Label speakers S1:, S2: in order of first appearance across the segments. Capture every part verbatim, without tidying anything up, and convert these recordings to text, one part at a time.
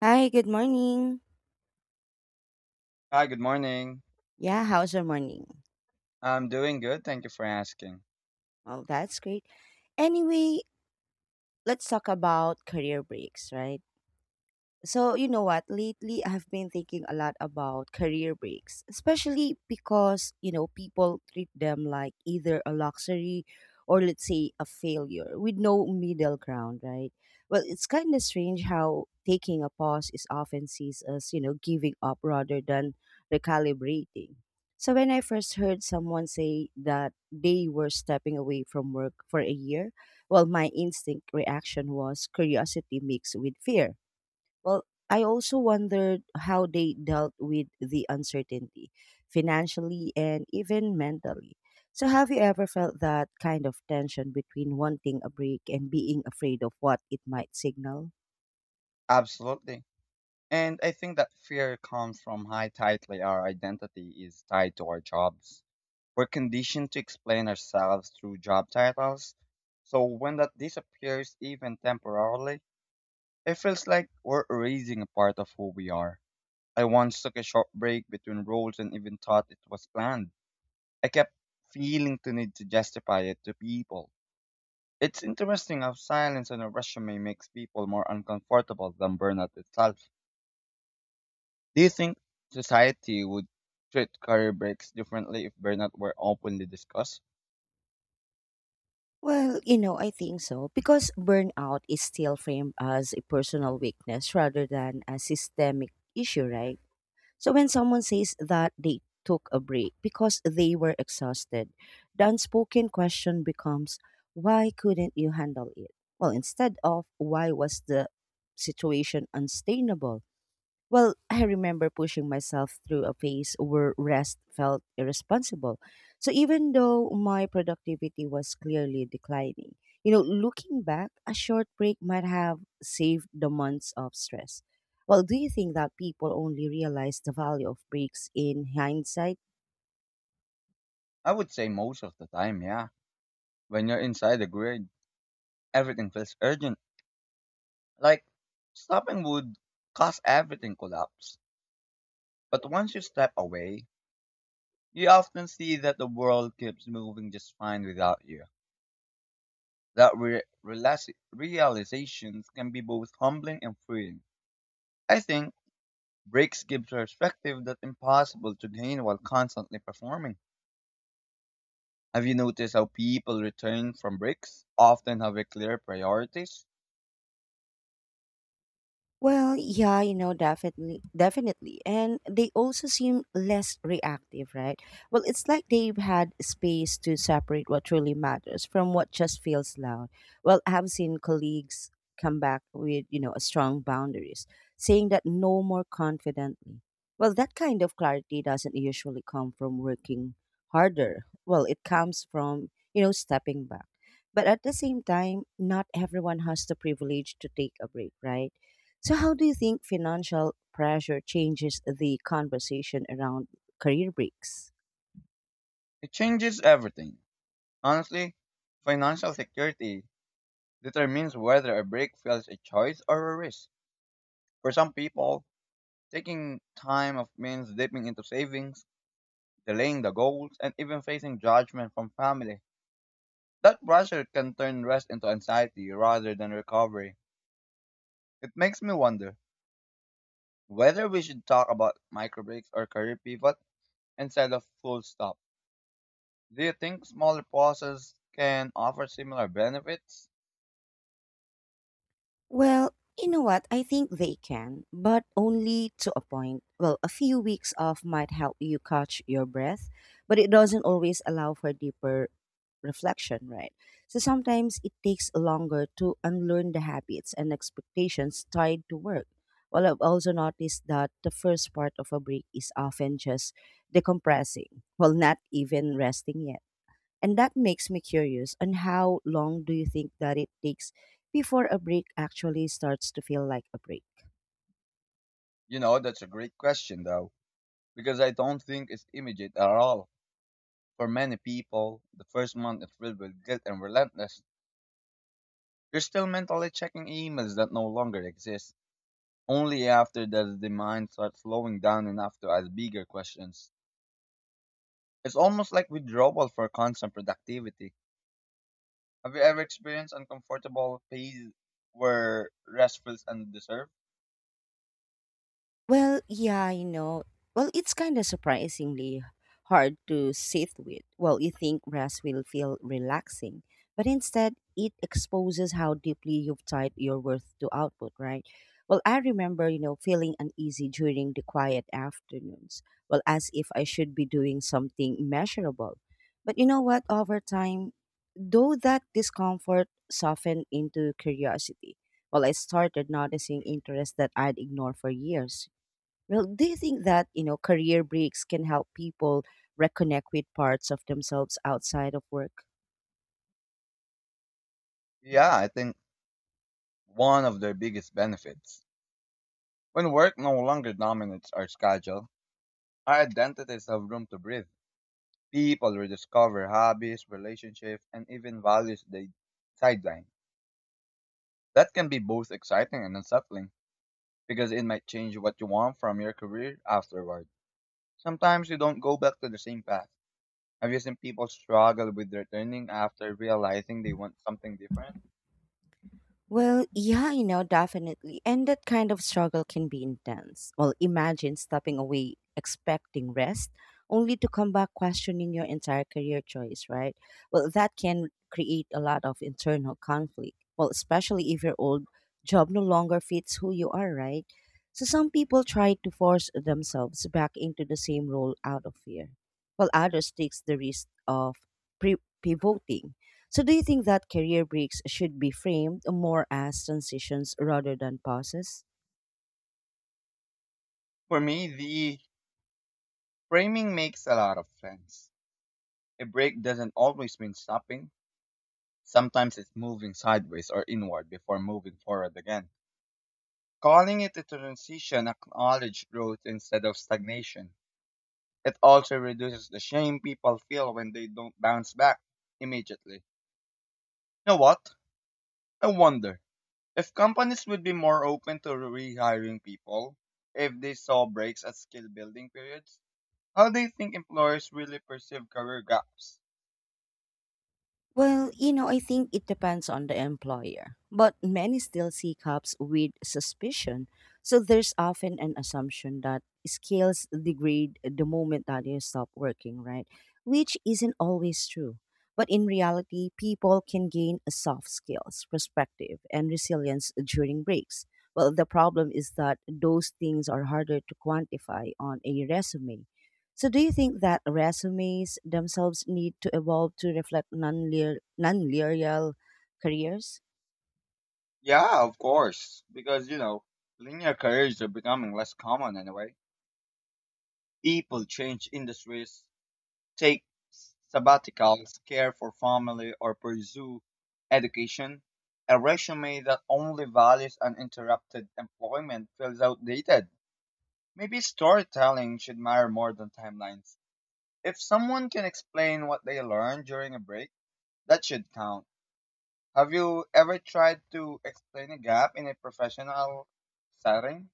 S1: Hi, good morning.
S2: Hi, good morning.
S1: Yeah, how's your morning?
S2: I'm doing good. Thank you for asking.
S1: Well, that's great. Anyway, let's talk about career breaks, right? So, you know what? Lately, I've been thinking a lot about career breaks, especially because, you know, people treat them like either a luxury or, let's say, a failure with no middle ground, right? Well, it's kind of strange how taking a pause is often seen as, you know, giving up rather than recalibrating. So, when I first heard someone say that they were stepping away from work for a year, well, my instinct reaction was curiosity mixed with fear. Well, I also wondered how they dealt with the uncertainty financially and even mentally. So, have you ever felt that kind of tension between wanting a break and being afraid of what it might signal?
S2: Absolutely. And I think that fear comes from how tightly our identity is tied to our jobs. We're conditioned to explain ourselves through job titles. So when that disappears, even temporarily, it feels like we're erasing a part of who we are. I once took a short break between roles and even thought it was planned. I kept feeling to need to justify it to people. It's interesting how silence on a resume makes people more uncomfortable than burnout itself. Do you think society would treat career breaks differently if burnout were openly discussed?
S1: Well, you know, I think so because burnout is still framed as a personal weakness rather than a systemic issue, right? So when someone says that they took a break because they were exhausted, the unspoken question becomes, why couldn't you handle it? Well, instead of why was the situation unsustainable? Well, I remember pushing myself through a phase where rest felt irresponsible. So even though my productivity was clearly declining, you know, looking back, a short break might have saved the months of stress. Well, do you think that people only realize the value of breaks in hindsight?
S2: I would say most of the time, yeah. When you're inside the grid, everything feels urgent. Like, stopping would cause everything collapse. But once you step away, you often see that the world keeps moving just fine without you. That re- realize- realizations can be both humbling and freeing. I think breaks give perspective that's impossible to gain while constantly performing. Have you noticed how people return from breaks often have a clear priorities?
S1: Well, yeah, you know, definitely, definitely. And they also seem less reactive, right? Well, it's like they've had space to separate what truly matters from what just feels loud. Well, I have seen colleagues come back with, you know, a strong boundaries, saying that no more confidently. Well, that kind of clarity doesn't usually come from working harder. Well, it comes from, you know, stepping back. But at the same time, not everyone has the privilege to take a break, right? So, how do you think financial pressure changes the conversation around career breaks?
S2: It changes everything. Honestly, financial security determines whether a break feels a choice or a risk. For some people, taking time off means dipping into savings, delaying the goals, and even facing judgment from family. That pressure can turn rest into anxiety rather than recovery. It makes me wonder whether we should talk about micro breaks or career pivot instead of full stop. Do you think smaller pauses can offer similar benefits?
S1: Well, you know what? I think they can, but only to a point. Well, a few weeks off might help you catch your breath, but it doesn't always allow for deeper reflection, right? So sometimes it takes longer to unlearn the habits and expectations tied to work. Well, I've also noticed that the first part of a break is often just decompressing, well, not even resting yet. And that makes me curious on how long do you think that it takes before a break actually starts to feel like a break?
S2: You know, that's a great question though, because I don't think it's immediate at all. For many people, the first month is filled with guilt and relentless. You're still mentally checking emails that no longer exist. Only after does the mind start slowing down enough to ask bigger questions. It's almost like withdrawal for constant productivity. Have you ever experienced uncomfortable phase where rest feels undeserved?
S1: Well, yeah, you know, well, it's kind of surprisingly hard to sit with. Well, you think rest will feel relaxing, but instead, it exposes how deeply you've tied your worth to output, right? Well, I remember, you know, feeling uneasy during the quiet afternoons. Well, as if I should be doing something measurable. But you know what? Over time, though that discomfort softened into curiosity, well, I started noticing interests that I'd ignored for years. Well, do you think that, you know, career breaks can help people reconnect with parts of themselves outside of work?
S2: Yeah, I think one of their biggest benefits. When work no longer dominates our schedule, our identities have room to breathe. People rediscover hobbies, relationships, and even values they sideline. That can be both exciting and unsettling because it might change what you want from your career afterward. Sometimes you don't go back to the same path. Have you seen people struggle with returning after realizing they want something different?
S1: Well, yeah, you know, definitely. And that kind of struggle can be intense. Well, imagine stepping away expecting rest only to come back questioning your entire career choice, right? Well, that can create a lot of internal conflict. Well, especially if your old job no longer fits who you are, right? So some people try to force themselves back into the same role out of fear, while others takes the risk of pre- pivoting. So, do you think that career breaks should be framed more as transitions rather than pauses?
S2: For me, the framing makes a lot of sense. A break doesn't always mean stopping. Sometimes it's moving sideways or inward before moving forward again. Calling it a transition acknowledges growth instead of stagnation. It also reduces the shame people feel when they don't bounce back immediately. You know what? I wonder if companies would be more open to rehiring people if they saw breaks as skill building periods. How do you think employers really perceive career gaps?
S1: Well, you know, I think it depends on the employer, but many still see cups with suspicion. So there's often an assumption that skills degrade the moment that you stop working, right? Which isn't always true. But in reality, people can gain a soft skills, perspective, and resilience during breaks. Well, the problem is that those things are harder to quantify on a resume. So, do you think that resumes themselves need to evolve to reflect non non-linear non-linear careers?
S2: Yeah, of course, because you know, linear careers are becoming less common anyway. People change industries, take sabbaticals, care for family, or pursue education. A resume that only values uninterrupted employment feels outdated. Maybe storytelling should matter more than timelines. If someone can explain what they learned during a break, that should count. Have you ever tried to explain a gap in a professional setting?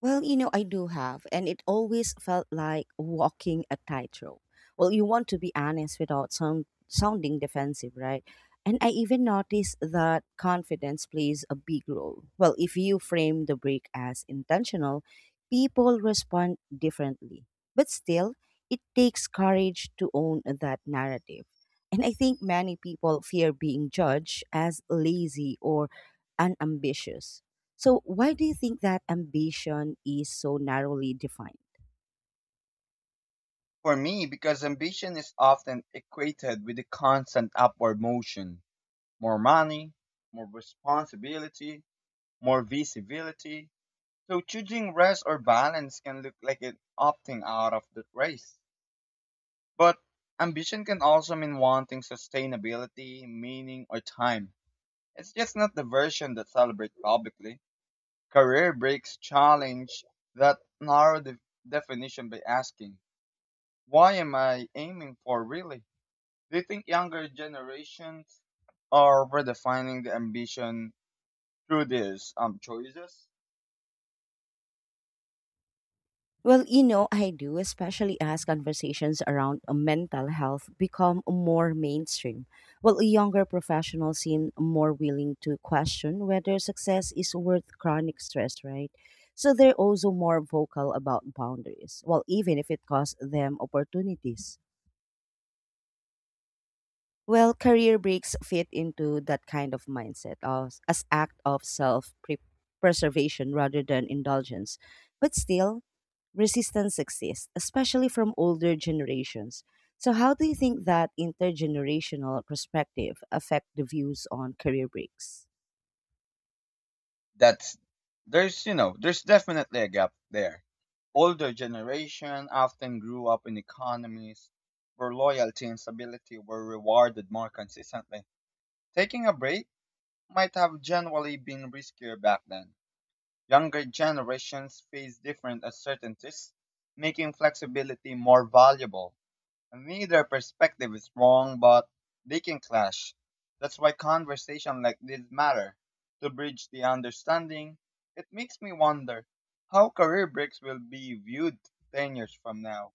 S1: Well, you know, I do have, and it always felt like walking a tightrope. Well, you want to be honest without sound, sounding defensive, right? And I even noticed that confidence plays a big role. Well, if you frame the break as intentional, people respond differently. But still, it takes courage to own that narrative. And I think many people fear being judged as lazy or unambitious. So, why do you think that ambition is so narrowly defined?
S2: For me, because ambition is often equated with a constant upward motion, more money, more responsibility, more visibility. So choosing rest or balance can look like an opting out of the race. But ambition can also mean wanting sustainability, meaning, or time. It's just not the version that celebrates publicly. Career breaks challenge that narrow the definition by asking, why am I aiming for really? Do you think younger generations are redefining the ambition through these um choices?
S1: Well, you know, I do, especially as conversations around uh, mental health become more mainstream. Well, younger professionals seem more willing to question whether success is worth chronic stress, right? So they're also more vocal about boundaries, well, even if it costs them opportunities. Well, career breaks fit into that kind of mindset of, as act of self pre- preservation rather than indulgence. But still, resistance exists, especially from older generations. So, how do you think that intergenerational perspective affect the views on career breaks?
S2: That's there's you know there's definitely a gap there. Older generation often grew up in economies where loyalty and stability were rewarded more consistently. Taking a break might have generally been riskier back then. Younger generations face different uncertainties, making flexibility more valuable. Neither perspective is wrong, but they can clash. That's why conversation like this matter to bridge the understanding. It makes me wonder how career breaks will be viewed ten years from now.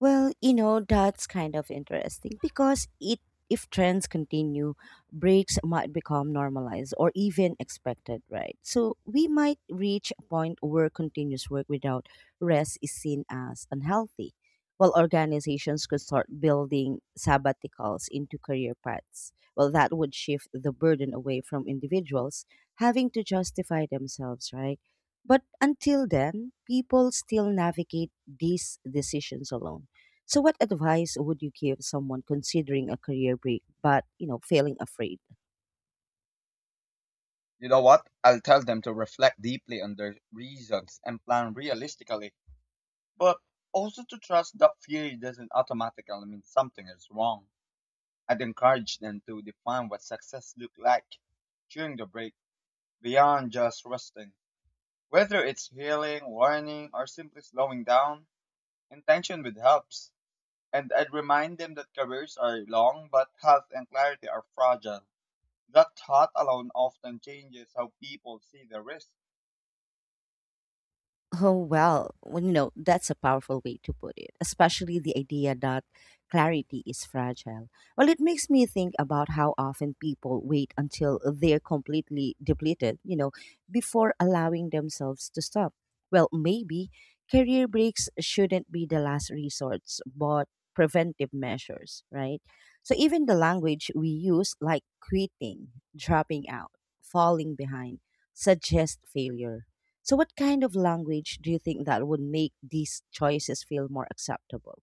S1: Well, you know, that's kind of interesting because it if trends continue, breaks might become normalized or even expected, right? So we might reach a point where continuous work without rest is seen as unhealthy, while organizations could start building sabbaticals into career paths. Well, that would shift the burden away from individuals having to justify themselves, right? But until then, people still navigate these decisions alone. So what advice would you give someone considering a career break but, you know, feeling afraid?
S2: You know what? I'll tell them to reflect deeply on their reasons and plan realistically, but also to trust that fear doesn't automatically mean something is wrong. I'd encourage them to define what success looked like during the break beyond just resting. Whether it's healing, warning, or simply slowing down, intention would helps. And I'd remind them that careers are long, but health and clarity are fragile. That thought alone often changes how people see the risk.
S1: Oh, well, well, you know, that's a powerful way to put it, especially the idea that clarity is fragile. Well, it makes me think about how often people wait until they're completely depleted, you know, before allowing themselves to stop. Well, maybe career breaks shouldn't be the last resort, but preventive measures, right? So even the language we use, like quitting, dropping out, falling behind, suggest failure. So, what kind of language do you think that would make these choices feel more acceptable?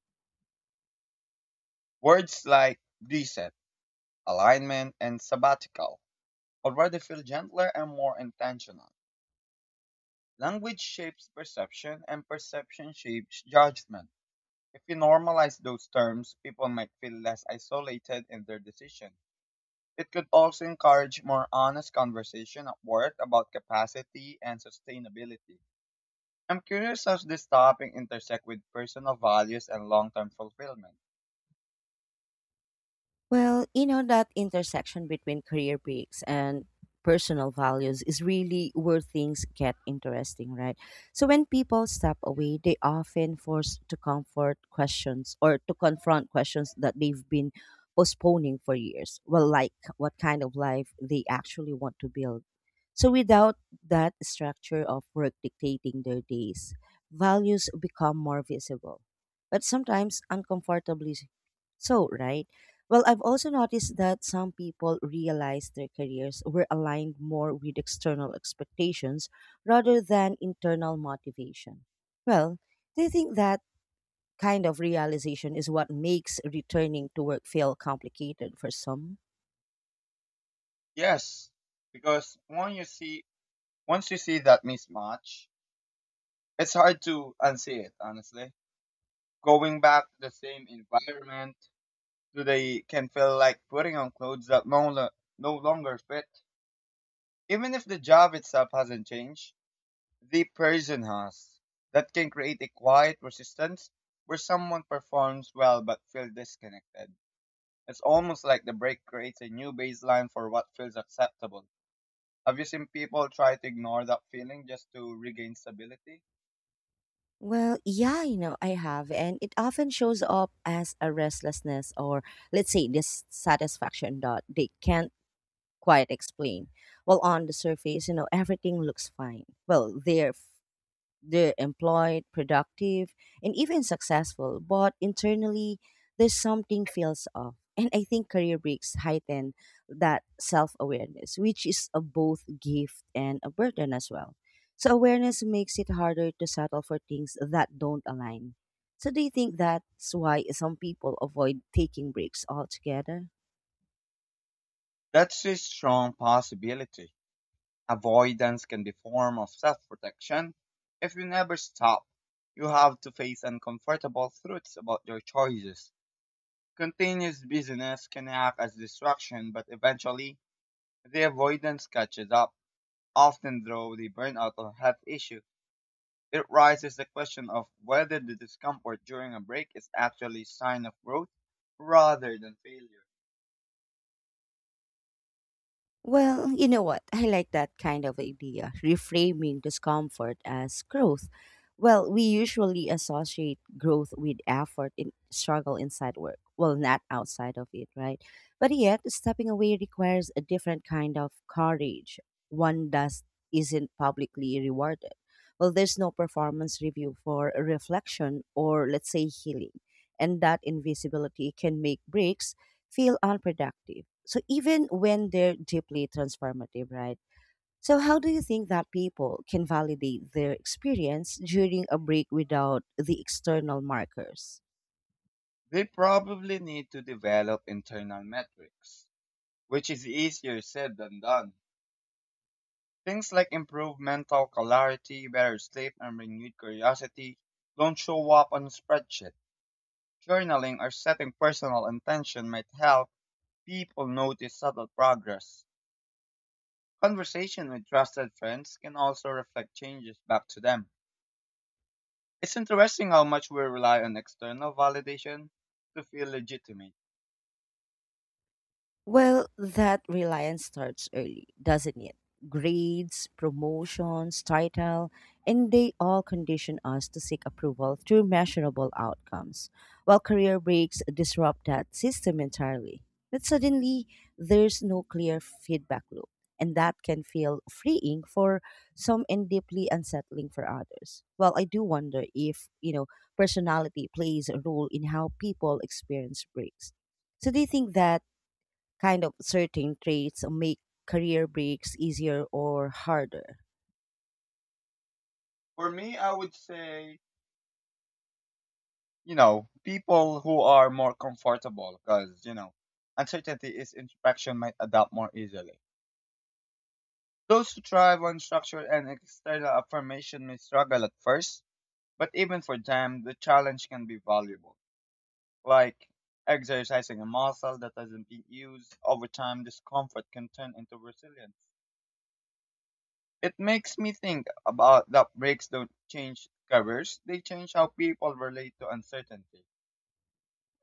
S2: Words like reset, alignment, and sabbatical already feel gentler and more intentional. Language shapes perception, and perception shapes judgment. If we normalize those terms, people might feel less isolated in their decision. It could also encourage more honest conversation at work about capacity and sustainability. I'm curious how this topic intersect with personal values and long-term fulfillment.
S1: Well, you know, that intersection between career breaks and personal values is really where things get interesting, right? So when people step away, they often forced to comfort questions or to confront questions that they've been postponing for years. Well, like what kind of life they actually want to build. So without that structure of work dictating their days, values become more visible, but sometimes uncomfortably so, right? Well, I've also noticed that some people realize their careers were aligned more with external expectations rather than internal motivation. Well, do you think that kind of realization is what makes returning to work feel complicated for some?
S2: Yes, because when you see once you see that mismatch, it's hard to unsee it, honestly. Going back to the same environment today can feel like putting on clothes that no, lo- no longer fit, even if the job itself hasn't changed. The person has that can create a quiet resistance where someone performs well but feels disconnected. It's almost like the break creates a new baseline for what feels acceptable. Have you seen people try to ignore that feeling just to regain stability?
S1: Well, yeah, you know, I have. And it often shows up as a restlessness or, let's say, dissatisfaction that they can't quite explain. Well, on the surface, you know, everything looks fine. Well, they're They're employed, productive, and even successful, but internally, there's something feels off. And I think career breaks heighten that self awareness, which is a both gift and a burden as well. So, awareness makes it harder to settle for things that don't align. So, do you think that's why some people avoid taking breaks altogether?
S2: That's a strong possibility. Avoidance can be a form of self-protection. If you never stop, you have to face uncomfortable truths about your choices. Continuous busyness can act as distraction, but eventually the avoidance catches up, often though the burnout or health issue, it raises the question of whether the discomfort during a break is actually a sign of growth rather than failure.
S1: Well, you know what? I like that kind of idea, reframing discomfort as growth. Well, we usually associate growth with effort and struggle inside work, well, not outside of it, right? But yet, stepping away requires a different kind of courage. One does isn't publicly rewarded. Well, there's no performance review for reflection or, let's say, healing. And that invisibility can make breaks feel unproductive. So even when they're deeply transformative, right? So how do you think that people can validate their experience during a break without the external markers?
S2: They probably need to develop internal metrics, which is easier said than done. Things like improved mental clarity, better sleep, and renewed curiosity don't show up on a spreadsheet. Journaling or setting personal intention might help people notice subtle progress. Conversation with trusted friends can also reflect changes back to them. It's interesting how much we rely on external validation to feel legitimate.
S1: Well, that reliance starts early, doesn't it? Grades, promotions, title, and they all condition us to seek approval through measurable outcomes, while career breaks disrupt that system entirely. But suddenly, there's no clear feedback loop, and that can feel freeing for some and deeply unsettling for others. Well, I do wonder if, you know, personality plays a role in how people experience breaks. So, do you think that kind of certain traits make career breaks easier or harder?
S2: For me, I would say, you know, people who are more comfortable because, you know, uncertainty is introspection might adapt more easily. Those who thrive on structure and external affirmation may struggle at first, but even for them, the challenge can be valuable. Like exercising a muscle that hasn't been used over time, discomfort can turn into resilience. It makes me think about that breaks don't change careers, they change how people relate to uncertainty.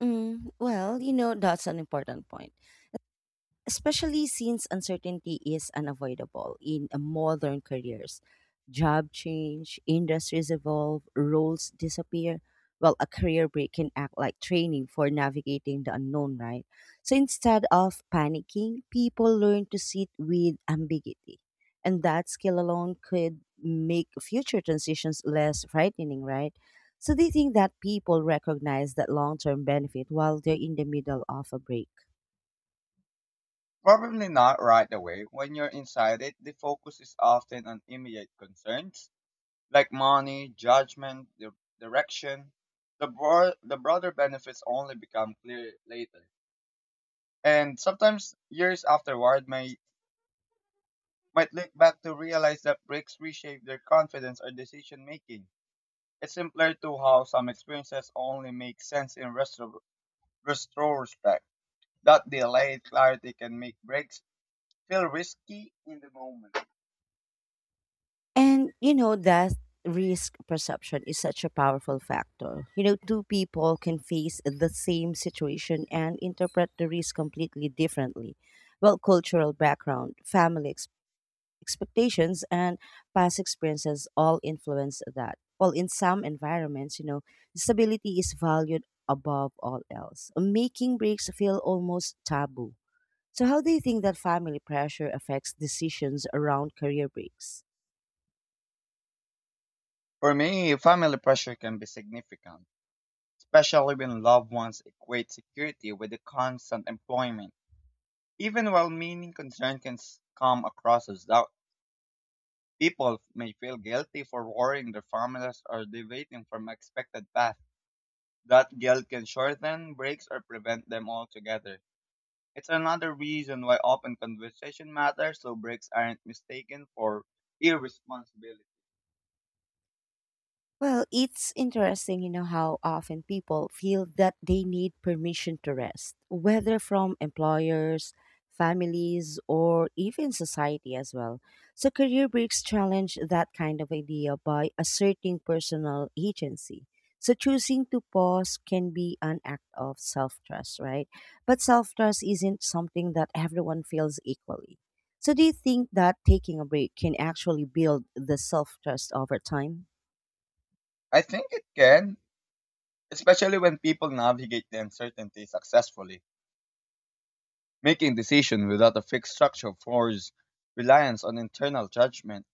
S1: Mm, well, you know, that's an important point. Especially since uncertainty is unavoidable in a modern careers. Job change, industries evolve, roles disappear. Well, a career break can act like training for navigating the unknown, right? So instead of panicking, people learn to sit with ambiguity. And that skill alone could make future transitions less frightening, right? So they think that people recognize that long term benefit while they're in the middle of a break.
S2: Probably not right away. When you're inside it, the focus is often on immediate concerns like money, judgment, the direction. The, broad, the broader benefits only become clear later, and sometimes years afterward may might look back to realize that breaks reshape their confidence or decision making. It's simpler to how some experiences only make sense in retro- retrospect. That delayed clarity can make breaks feel risky in the moment.
S1: And you know that risk perception is such a powerful factor. You know, two people can face the same situation and interpret the risk completely differently. Well, cultural background, family expectations and past experiences all influence that. Well, in some environments, you know, stability is valued above all else, making breaks feel almost taboo. So, how do you think that family pressure affects decisions around career breaks?
S2: For me, family pressure can be significant, especially when loved ones equate security with the constant employment. Even while meaning concern can s- come across as doubt. People may feel guilty for worrying their families or deviating from expected path. That guilt can shorten breaks or prevent them altogether. It's another reason why open conversation matters so breaks aren't mistaken for irresponsibility.
S1: Well, it's interesting, you know, how often people feel that they need permission to rest, whether from employers, families, or even society as well. So, career breaks challenge that kind of idea by asserting personal agency. So, choosing to pause can be an act of self trust, right? But self trust isn't something that everyone feels equally. So, do you think that taking a break can actually build the self trust over time?
S2: I think it can, especially when people navigate the uncertainty successfully. Making decisions without a fixed structure forces reliance on internal judgment.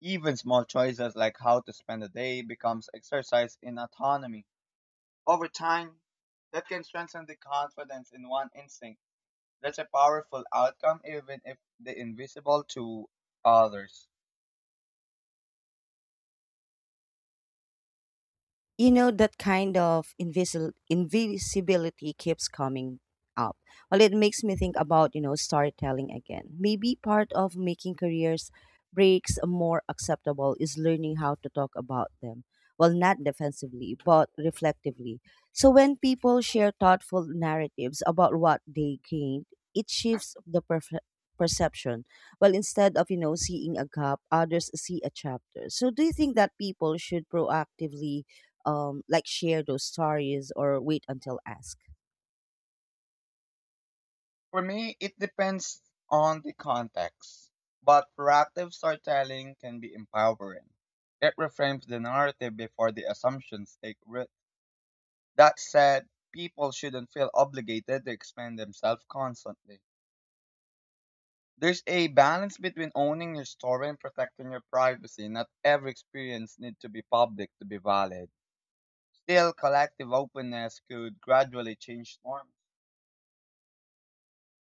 S2: Even small choices like how to spend a day becomes exercise in autonomy. Over time, that can strengthen the confidence in one instinct. That's a powerful outcome, even if the invisible to others.
S1: You know that kind of invisil- invisibility keeps coming up. Well, it makes me think about, you know, storytelling again. Maybe part of making careers breaks more acceptable is learning how to talk about them, well, not defensively but reflectively. So when people share thoughtful narratives about what they gained, it shifts the perf- perception. Well, instead of, you know, seeing a gap, others see a chapter. So do you think that people should proactively, um, like, share those stories or wait until ask?
S2: For me, it depends on the context, but proactive storytelling can be empowering. It reframes the narrative before the assumptions take root. That said, people shouldn't feel obligated to expand themselves constantly. There's a balance between owning your story and protecting your privacy. Not every experience needs to be public to be valid. Still, collective openness could gradually change norms.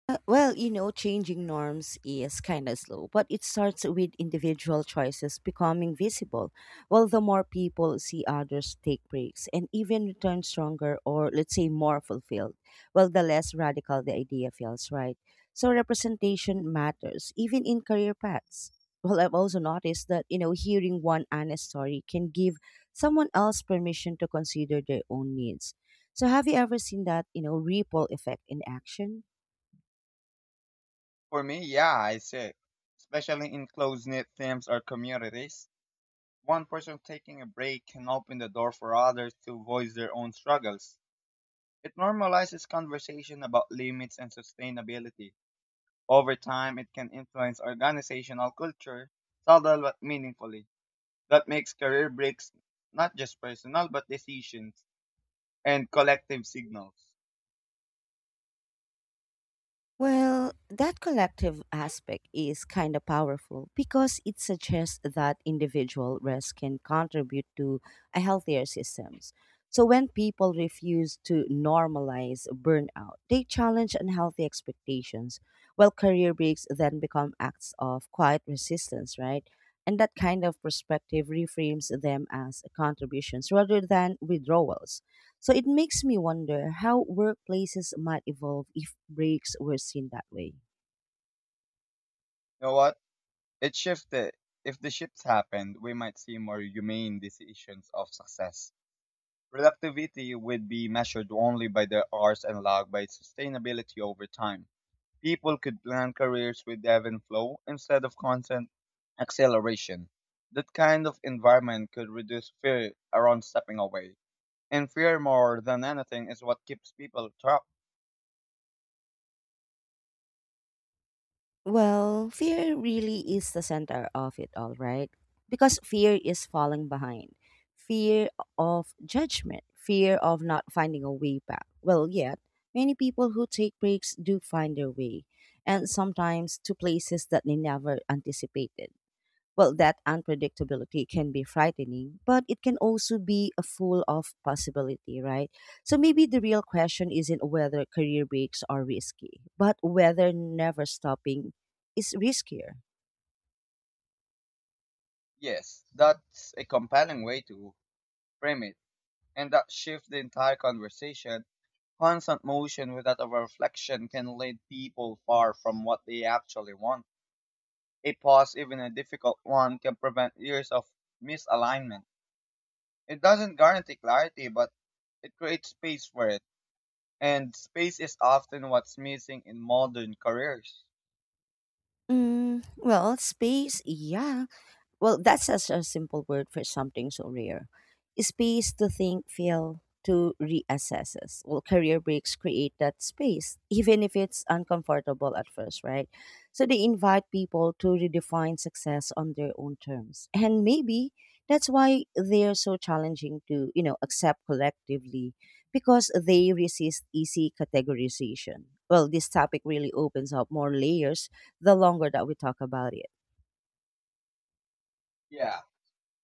S1: Uh, well, you know, changing norms is kind of slow, but it starts with individual choices becoming visible. Well, the more people see others take breaks and even return stronger or, let's say, more fulfilled, well, the less radical the idea feels, right? So, representation matters, even in career paths. Well, I've also noticed that, you know, hearing one honest story can give someone else permission to consider their own needs. So, have you ever seen that, you know, ripple effect in action?
S2: For me, yeah, I see. Especially in close-knit teams or communities, one person taking a break can open the door for others to voice their own struggles. It normalizes conversation about limits and sustainability. Over time, it can influence organizational culture, subtle but meaningfully. That makes career breaks not just personal, but decisions and collective signals.
S1: Well, that collective aspect is kind of powerful because it suggests that individual risk can contribute to a healthier systems. So when people refuse to normalize burnout, they challenge unhealthy expectations, while career breaks then become acts of quiet resistance, right? And that kind of perspective reframes them as contributions rather than withdrawals. So it makes me wonder how workplaces might evolve if breaks were seen that way.
S2: You know what? It shifted. If the shifts happened, we might see more humane decisions of success. Productivity would be measured only by their hours and logged by sustainability over time. People could plan careers with ebb and flow instead of constant acceleration. That kind of environment could reduce fear around stepping away. And fear more than anything is what keeps people trapped.
S1: Well, fear really is the center of it all, right? Because fear is falling behind, fear of judgment, fear of not finding a way back. Well, yet, many people who take breaks do find their way, and sometimes to places that they never anticipated. Well, that unpredictability can be frightening, but it can also be a full of possibility, right? So maybe the real question isn't whether career breaks are risky, but whether never stopping is riskier.
S2: Yes, that's a compelling way to frame it. And that shifts the entire conversation. Constant motion without a reflection can lead people far from what they actually want. A pause, even a difficult one, can prevent years of misalignment. It doesn't guarantee clarity, but it creates space for it. And space is often what's missing in modern careers.
S1: Mm, well, space, yeah. Well, that's such a simple word for something so rare. Space to think, feel, to reassess us. Well, career breaks create that space, even if it's uncomfortable at first, right? So they invite people to redefine success on their own terms. And maybe that's why they're so challenging to, you know, accept collectively because they resist easy categorization. Well, this topic really opens up more layers the longer that we talk about it.
S2: Yeah.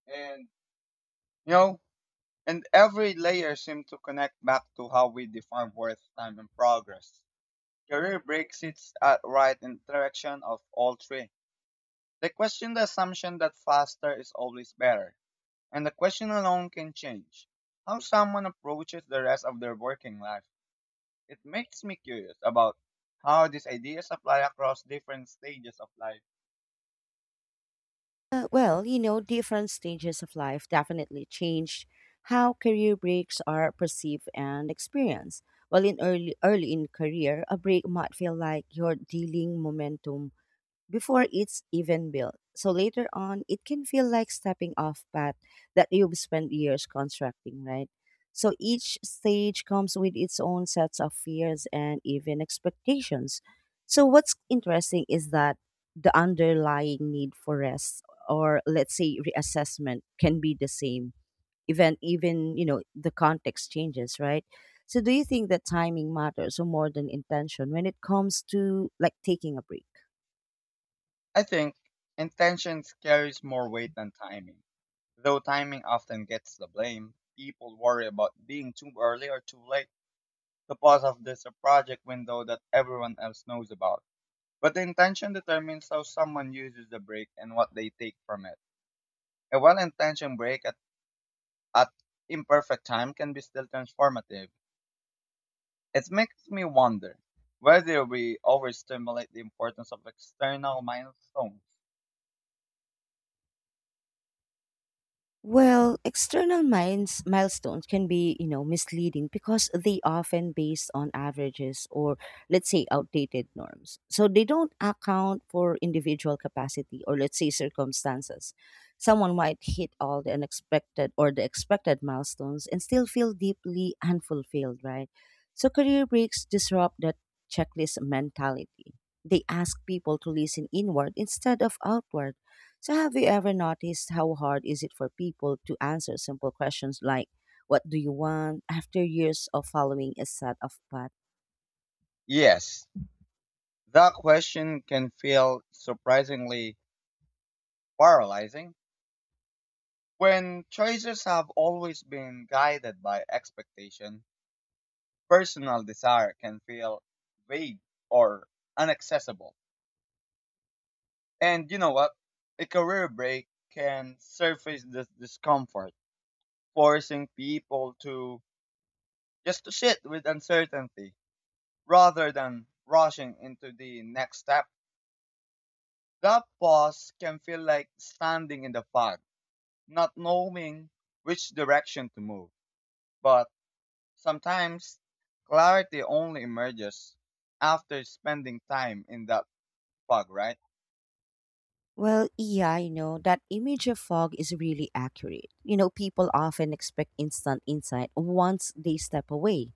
S2: And, you know, and every layer seems to connect back to how we define worth, time, and progress. Career break sits at right interaction of all three. They question the assumption that faster is always better. And the question alone can change how someone approaches the rest of their working life. It makes me curious about how these ideas apply across different stages of life.
S1: Uh, well, you know, different stages of life definitely changed how career breaks are perceived and experienced. Well, in early early in career, a break might feel like you're dealing momentum before it's even built. So later on, it can feel like stepping off path that you've spent years constructing, right? So each stage comes with its own sets of fears and even expectations. So what's interesting is that the underlying need for rest or, let's say, reassessment can be the same event, even, you know, the context changes, right? So do you think that timing matters or more than intention when it comes to, like, taking a break?
S2: I think intentions carries more weight than timing. Though timing often gets the blame, people worry about being too early or too late to pause off this project window that everyone else knows about. But the intention determines how someone uses the break and what they take from it. A well-intentioned break at imperfect time can be still transformative. It makes me wonder whether we overstimulate the importance of external milestones.
S1: Well, external minds, milestones can be, you know, misleading because they often based on averages or, let's say, outdated norms. So they don't account for individual capacity or, let's say, circumstances. Someone might hit all the unexpected or the expected milestones and still feel deeply unfulfilled, right? So career breaks disrupt that checklist mentality. They ask people to listen inward instead of outward. So have you ever noticed how hard is it for people to answer simple questions like what do you want after years of following a set of path?
S2: Yes, that question can feel surprisingly paralyzing when choices have always been guided by expectation. Personal desire can feel vague or inaccessible. And you know what? A career break can surface this discomfort, forcing people to just to sit with uncertainty rather than rushing into the next step. That pause can feel like standing in the fog, not knowing which direction to move. But sometimes clarity only emerges after spending time in that fog, right?
S1: Well, yeah, I know that image of fog is really accurate. You know, people often expect instant insight once they step away,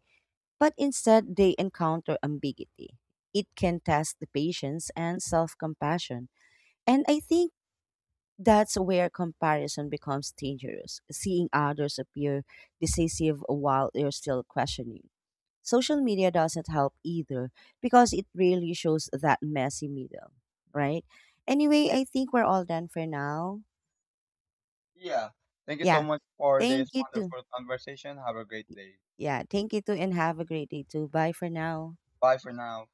S1: but instead they encounter ambiguity. It can test the patience and self-compassion. And I think that's where comparison becomes dangerous, seeing others appear decisive while you're still questioning. Social media doesn't help either because it really shows that messy middle, right? Anyway, I think we're all done for now.
S2: Yeah. Thank you so
S1: Yeah,
S2: much for this
S1: thank you too.
S2: wonderful conversation. Have a great day.
S1: Yeah, thank you too, and have a great day too. Bye for now.
S2: Bye for now.